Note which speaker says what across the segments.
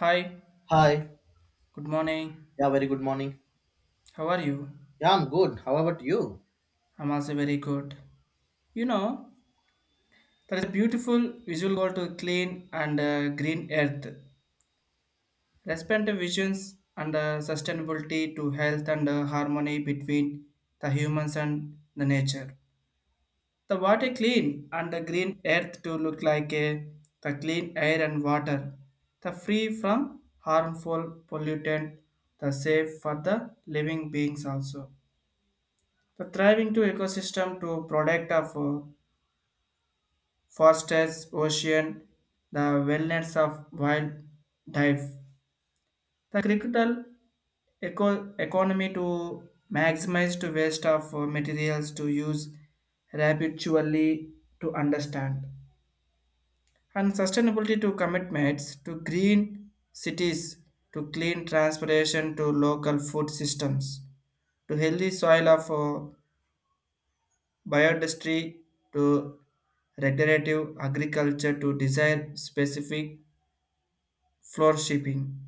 Speaker 1: Hi,
Speaker 2: Hi.
Speaker 1: good morning.
Speaker 2: Yeah, very good morning.
Speaker 1: How are you?
Speaker 2: Yeah, I'm good. How about you?
Speaker 1: I'm also very good. You know, there is a beautiful visual goal to clean and green earth. Respect visions and sustainability to health and harmony between the humans and the nature. The water clean and the green earth to look like a, the clean air and water, the free from harmful pollutant, the safe for the living beings also. The thriving to ecosystem to product of forests, ocean, the wellness of wildlife, the critical economy to maximize to waste of materials to use rapidly to understand and sustainability to commitments to green cities to clean transportation to local food systems to healthy soil of biodestry to regenerative agriculture to design specific floor shipping.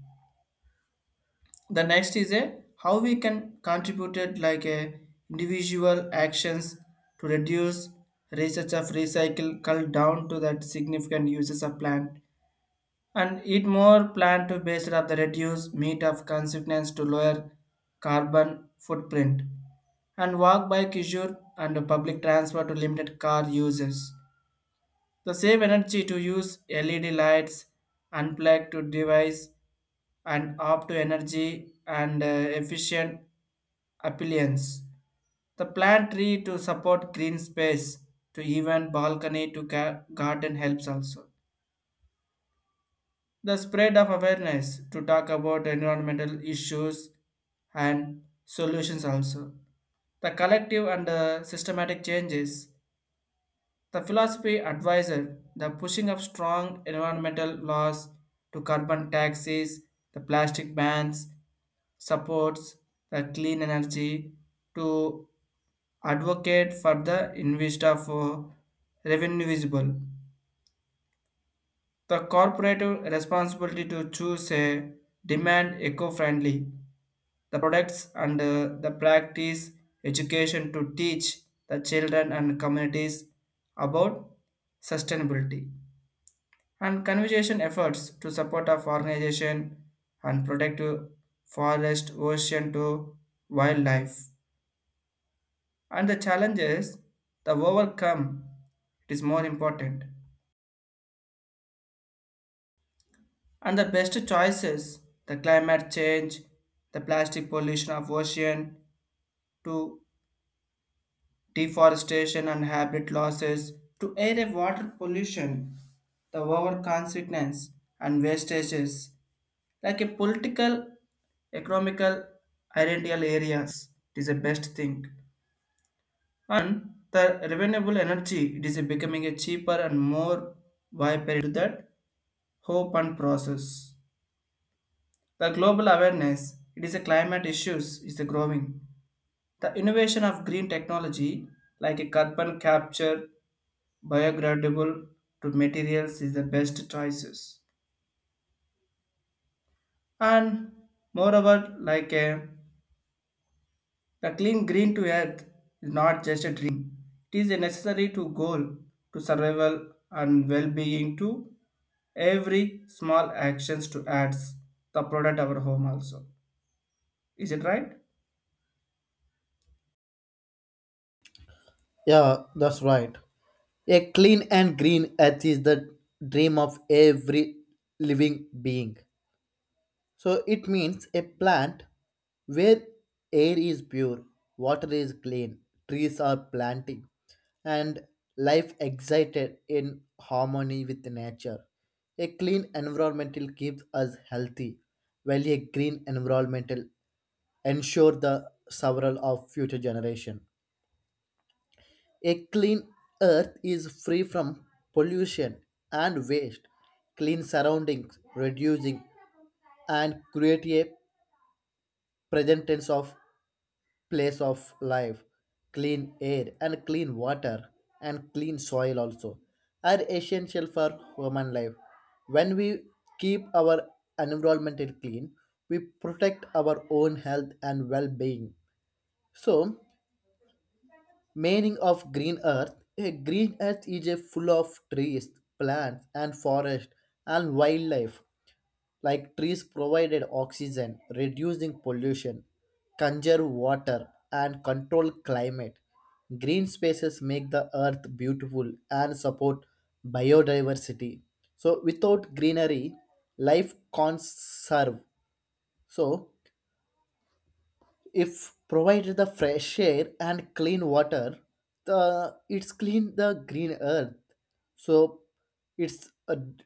Speaker 1: The next is a how we can contribute it like a individual actions to reduce research of recycle cull down to that significant uses of plant and eat more plant to based of the reduce meat of consequence to lower carbon footprint and walk bike issue and public transport to limited car uses. The save energy to use LED lights, unplug to device, and opt to energy and efficient appliance. The plant tree to support green space to even balcony to garden helps also. The spread of awareness to talk about environmental issues and solutions also. The collective and systematic changes, the philosophy advisor, the pushing of strong environmental laws to carbon taxes, the plastic bans, supports the clean energy to advocate for the invest of revenue visible, the corporate responsibility to choose a demand eco-friendly the products and the practice education to teach the children and communities about sustainability and conservation efforts to support of organization and protect forest ocean to wildlife and the challenges the overcome it is more important. And the best choices, the climate change, the plastic pollution of ocean, to deforestation and habitat losses, to air and water pollution, the over consequence and wastages, like a political, economical, ideal areas, it is the best thing. And the renewable energy, it is becoming a cheaper and more viable to that hope and process. The global awareness it is a climate issues is the growing. The innovation of green technology like a carbon capture, biodegradable to materials is the best choices. And moreover, like a, the clean green to earth is not just a dream. It is a necessary to goal to survival and well-being to every small actions to adds the product our home also. Is it right?
Speaker 2: Yeah, that's right. A clean and green earth is the dream of every living being. So it means a plant where air is pure, water is clean, trees are planting, and life excited in harmony with nature. A clean environmental keeps us healthy, while a green environmental ensure the survival of future generation. A clean earth is free from pollution and waste. Clean surroundings reducing and create a present tense of place of life, clean air and clean water and clean soil also are essential for human life. When we keep our environment clean, we protect our own health and well-being. So meaning of green earth. A green earth is a full of trees, plants and forest and wildlife. Like trees provided oxygen, reducing pollution, conserve water and control climate. Green spaces make the earth beautiful and support biodiversity. So without greenery, life can't survive. So if provided the fresh air and clean water, the it's clean the green earth, so it's a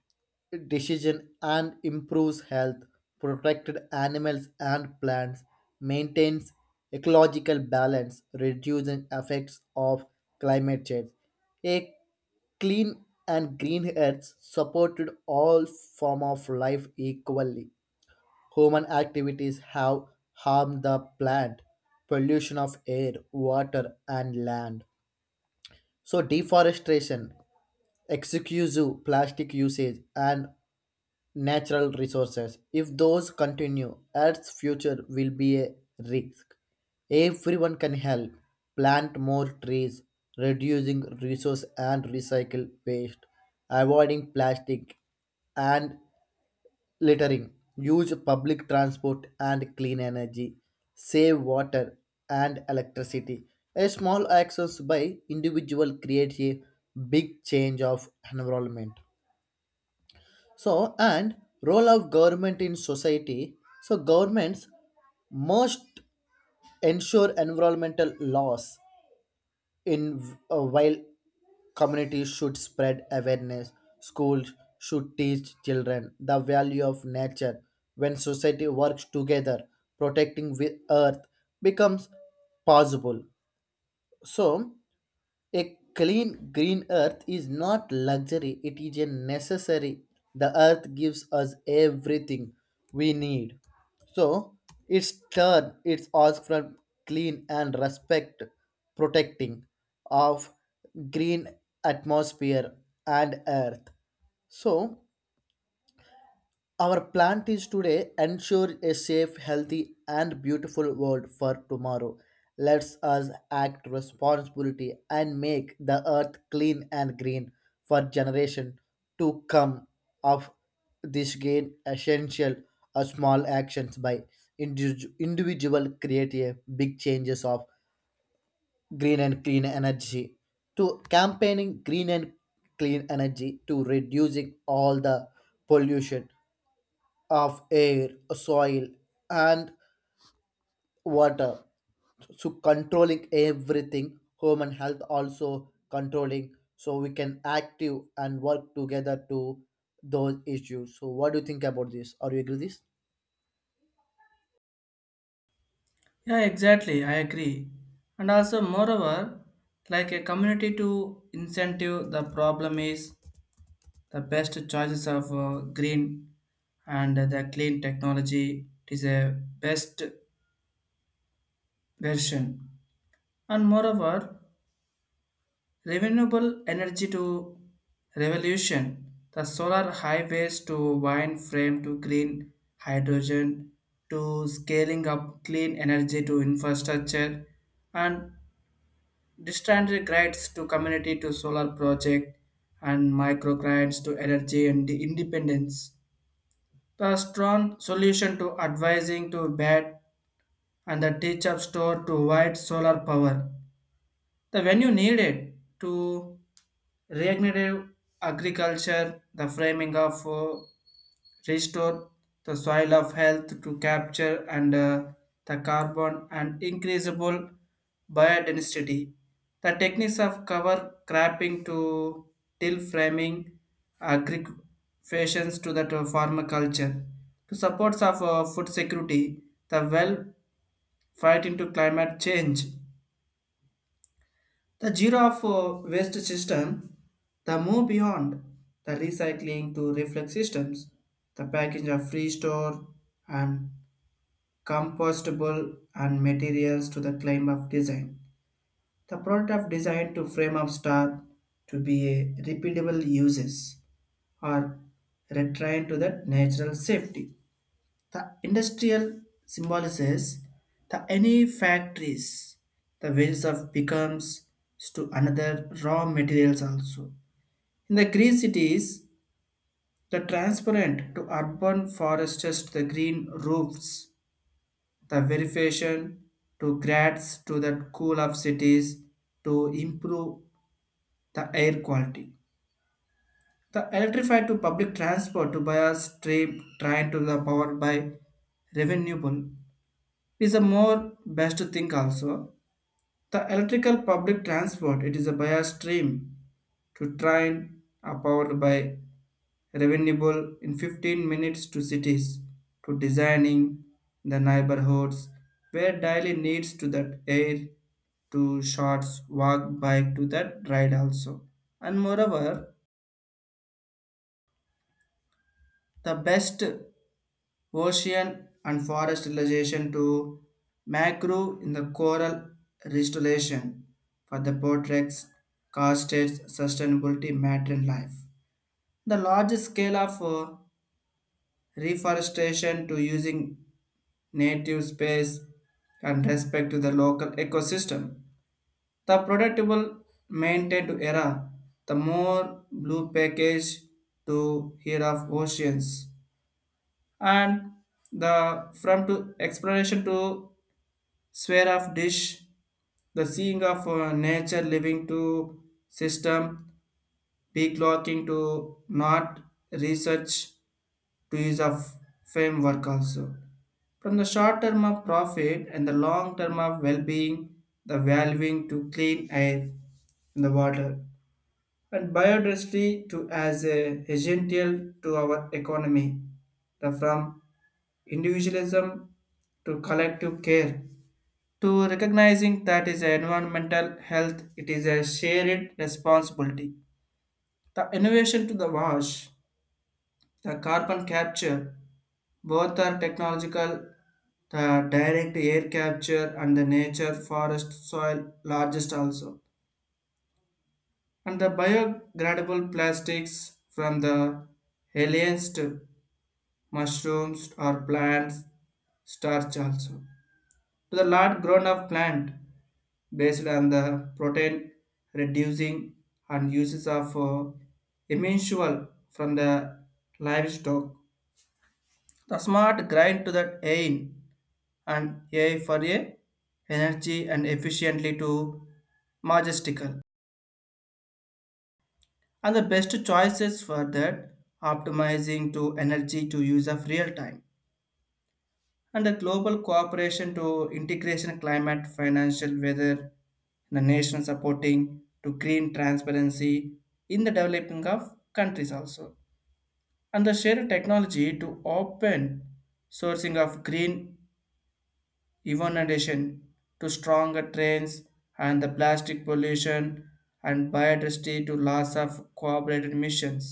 Speaker 2: decision and improves health, protected animals and plants, maintains ecological balance, reducing effects of climate change. A clean and green earth supported all form of life equally. Human activities have harmed the plant, pollution of air, water, and land. So, deforestation, excessive plastic usage, and natural resources. If those continue, Earth's future will be a risk. Everyone can help plant more trees, reducing resource and recycle waste, avoiding plastic, and littering, use public transport and clean energy, save water and electricity. A small actions by individual creates a big change of environment. So and role of government in society. So governments must ensure environmental laws in while communities should spread awareness, schools should teach children the value of nature. When society works together protecting the earth becomes possible, so a clean green earth is not luxury, it is a necessary. The earth gives us everything we need. So it's turn, it's ask for clean and respect, protecting of green atmosphere and earth. So our plant is today ensure a safe, healthy, and beautiful world for tomorrow. Let's us act responsibility and make the earth clean and green for generation to come. Of this gain essential or small actions by individual create a big changes of green and clean energy, to campaigning green and clean energy to reducing all the pollution of air, soil, and water. So controlling everything, home and health also controlling. So we can active and work together to those issues. So what do you think about this? Are you agree this?
Speaker 1: Yeah, exactly. I agree. And also, moreover, like a community to incentive, the problem is the best choices of green and the clean technology. It is a best version. And moreover, renewable energy to revolution, the solar highways to wind frame to green hydrogen to scaling up clean energy to infrastructure and distant grants to community to solar project and micro grants to energy and the independence. The strong solution to advising to bad and the teach up store to white solar power. The when you need it to regenerative agriculture, the framing of restore the soil of health to capture and the carbon and increasable biodensity. The techniques of cover cropping to till framing agricultures to that farmaculture to supports of food security, the well fight into climate change, the giraffe waste system, the move beyond the recycling to reflex systems, the package of free store and compostable and materials to the claim of design. The product of design to frame of star to be a repeatable uses or return to the natural safety. The industrial symbolizes the any factories, the ways of becomes to another raw materials also. In the green cities, the transparent to urban forests to the green roofs, the verification to grads to the cool of cities to improve the air quality. The electrified to public transport to buy a stream train to the powered by renewable. It is a more best thing also. The electrical public transport, it is a by a stream to train are powered by renewable in 15 minutes to cities to designing the neighborhoods where daily needs to that air to shots walk bike to that ride also. And moreover the best ocean and forest restoration to macro in the coral restoration for the portraits costed sustainability matter in life. The large scale of reforestation to using native space and respect to the local ecosystem. The productable maintained to era, the more blue package to hear of oceans and the from to exploration to sphere of dish, the seeing of nature living to system, declocking to not research to use of framework also. From the short term of profit and the long term of well-being, the valuing to clean air in the water and biodiversity to as a essential to our economy, the from individualism to collective care to recognizing that is environmental health, it is a shared responsibility, the innovation to the wash the carbon capture, both are technological, the direct air capture and the nature forest soil largest also, and the biodegradable plastics from the aliens to mushrooms or plants starch also, to the large grown up plant based on the protein reducing and uses of emmensual from the livestock. The smart grind to the aim and A for a energy and efficiently to majestical. And the best choices for that optimizing to energy to use of real time. And the global cooperation to integration climate financial weather, the nation supporting to green transparency in the developing of countries also, and the shared technology to open sourcing of green innovation to stronger trains and the plastic pollution and biodiversity to loss of cooperated missions,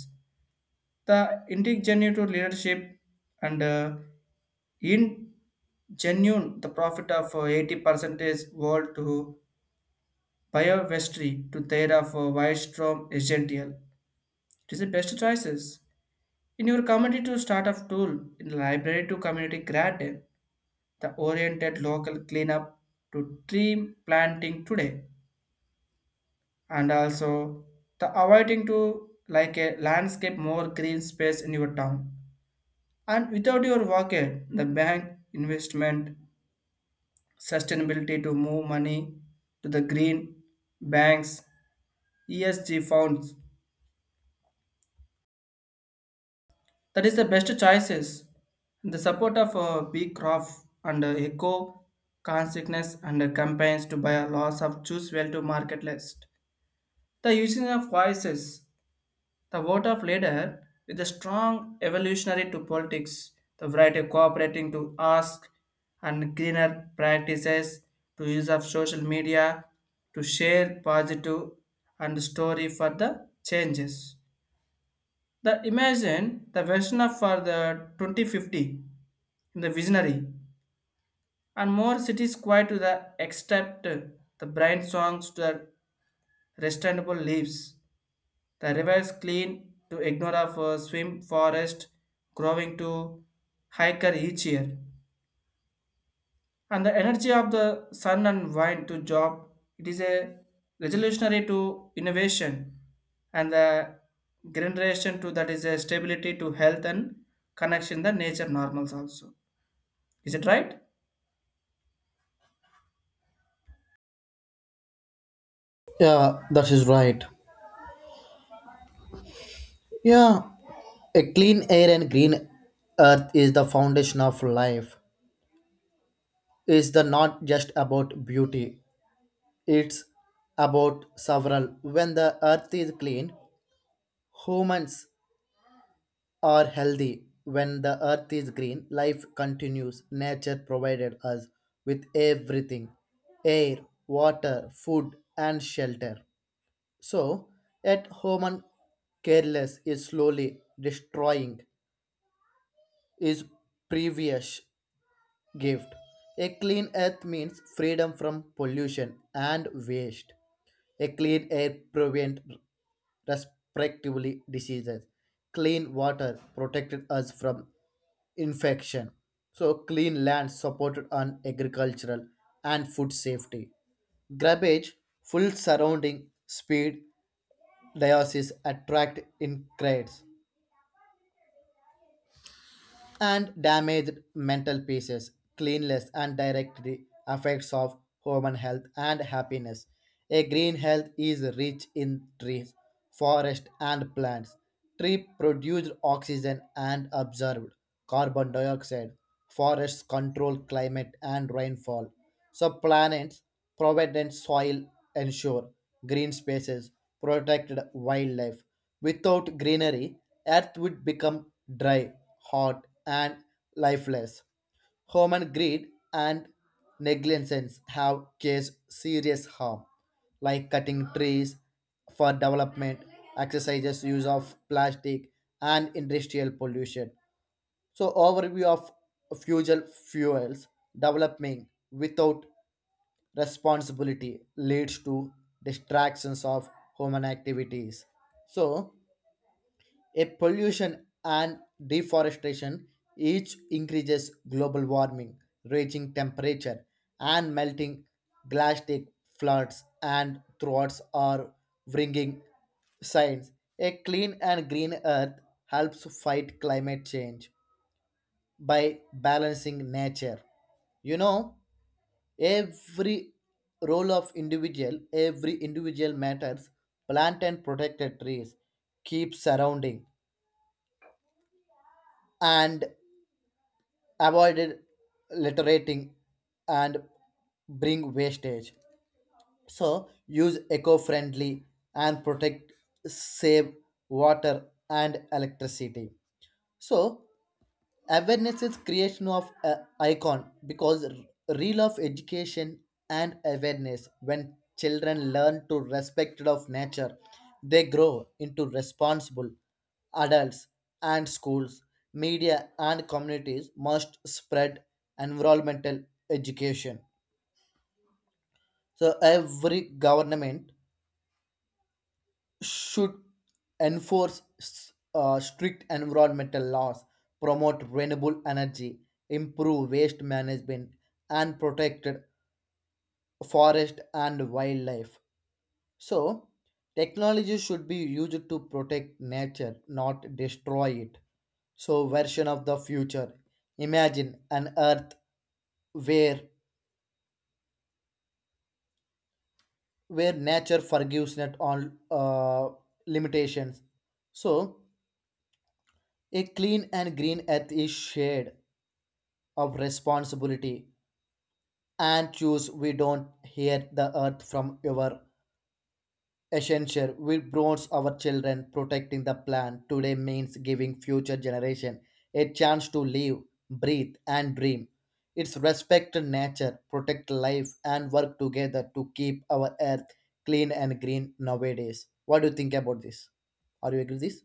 Speaker 1: the indigenous leadership and in genuine the profit of 80% is world to biovestry to their of Wildstrom essential. It is the best choices. In your community to start up tool in the library to community garden, the oriented local cleanup to tree planting today, and also the avoiding to like a landscape more green space in your town. And without your wallet, the bank investment sustainability to move money to the green banks, ESG funds. That is the best choices. The support of B crop and eco consciousness and campaigns to buy a loss of choose well to market list. The using of voices. The vote of leader with a strong evolutionary to politics, the variety of cooperating to ask and greener practices to use of social media to share positive and story for the changes. The imagine the version of for the 2050 in the visionary and more cities quiet to the except the bright songs to the restandable leaves, the river is clean to ignore of swim forest growing to hiker each year. And the energy of the sun and wind to job, it is a revolutionary to innovation and the generation to that is a stability to health and connection the nature normals also. Is it right?
Speaker 2: Yeah, that is right. Yeah, a clean air and green earth is the foundation of life. Is the not just about beauty. It's about several. When the earth is clean, humans are healthy. When the earth is green, life continues. Nature provided us with everything, air, water, food, and shelter. So, yet human careless is slowly destroying his previous gift. A clean earth means freedom from pollution and waste. A clean air prevent respectively diseases. Clean water protected us from infection. So clean land supported on agricultural and food safety. Grabbage, full surrounding speed, diocese attract in crowds, and damaged mental pieces, cleanliness and directly affects of human health and happiness. A green health is rich in trees, forest and plants. Trees produce oxygen and absorb carbon dioxide. Forests control climate and rainfall. So planets provident soil ensure green spaces, protected wildlife. Without greenery, Earth would become dry, hot, and lifeless. Human greed and negligence have caused serious harm, like cutting trees for development, exercises use of plastic, and industrial pollution. So, overview of fusel fuels developing without responsibility leads to distractions of human activities. So, a pollution and deforestation each increases global warming, raging temperature and melting glacier, floods and droughts are bringing science. A clean and green earth helps fight climate change by balancing nature. You know, every role of individual, every individual matters. Plant and protected trees, keep surrounding, and avoided littering, and bring wastage. So use eco-friendly and protect, save water and electricity. So awareness is creation of a icon, because real of education and awareness, when children learn to respect of nature, they grow into responsible adults, and schools, media and communities must spread environmental education. So every government should enforce strict environmental laws, promote renewable energy, improve waste management, and protect forest and wildlife. So, technology should be used to protect nature, not destroy it. So, version of the future. Imagine an earth where where nature forgives not all uh, limitations. So, a clean and green earth is shared of responsibility, and choose we don't hear the earth from your essential, we bronze our children. Protecting the plan today means giving future generation a chance to live, breathe and dream. It's respect nature, protect life, and work together to keep our earth clean and green nowadays. What do you think about this? Are you agree with this?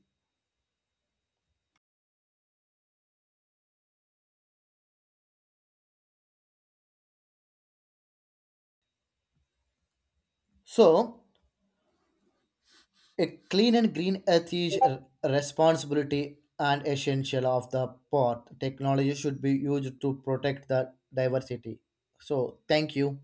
Speaker 2: So a clean and green earth is a responsibility and essential of the port. Technology should be used to protect the diversity. So, thank you.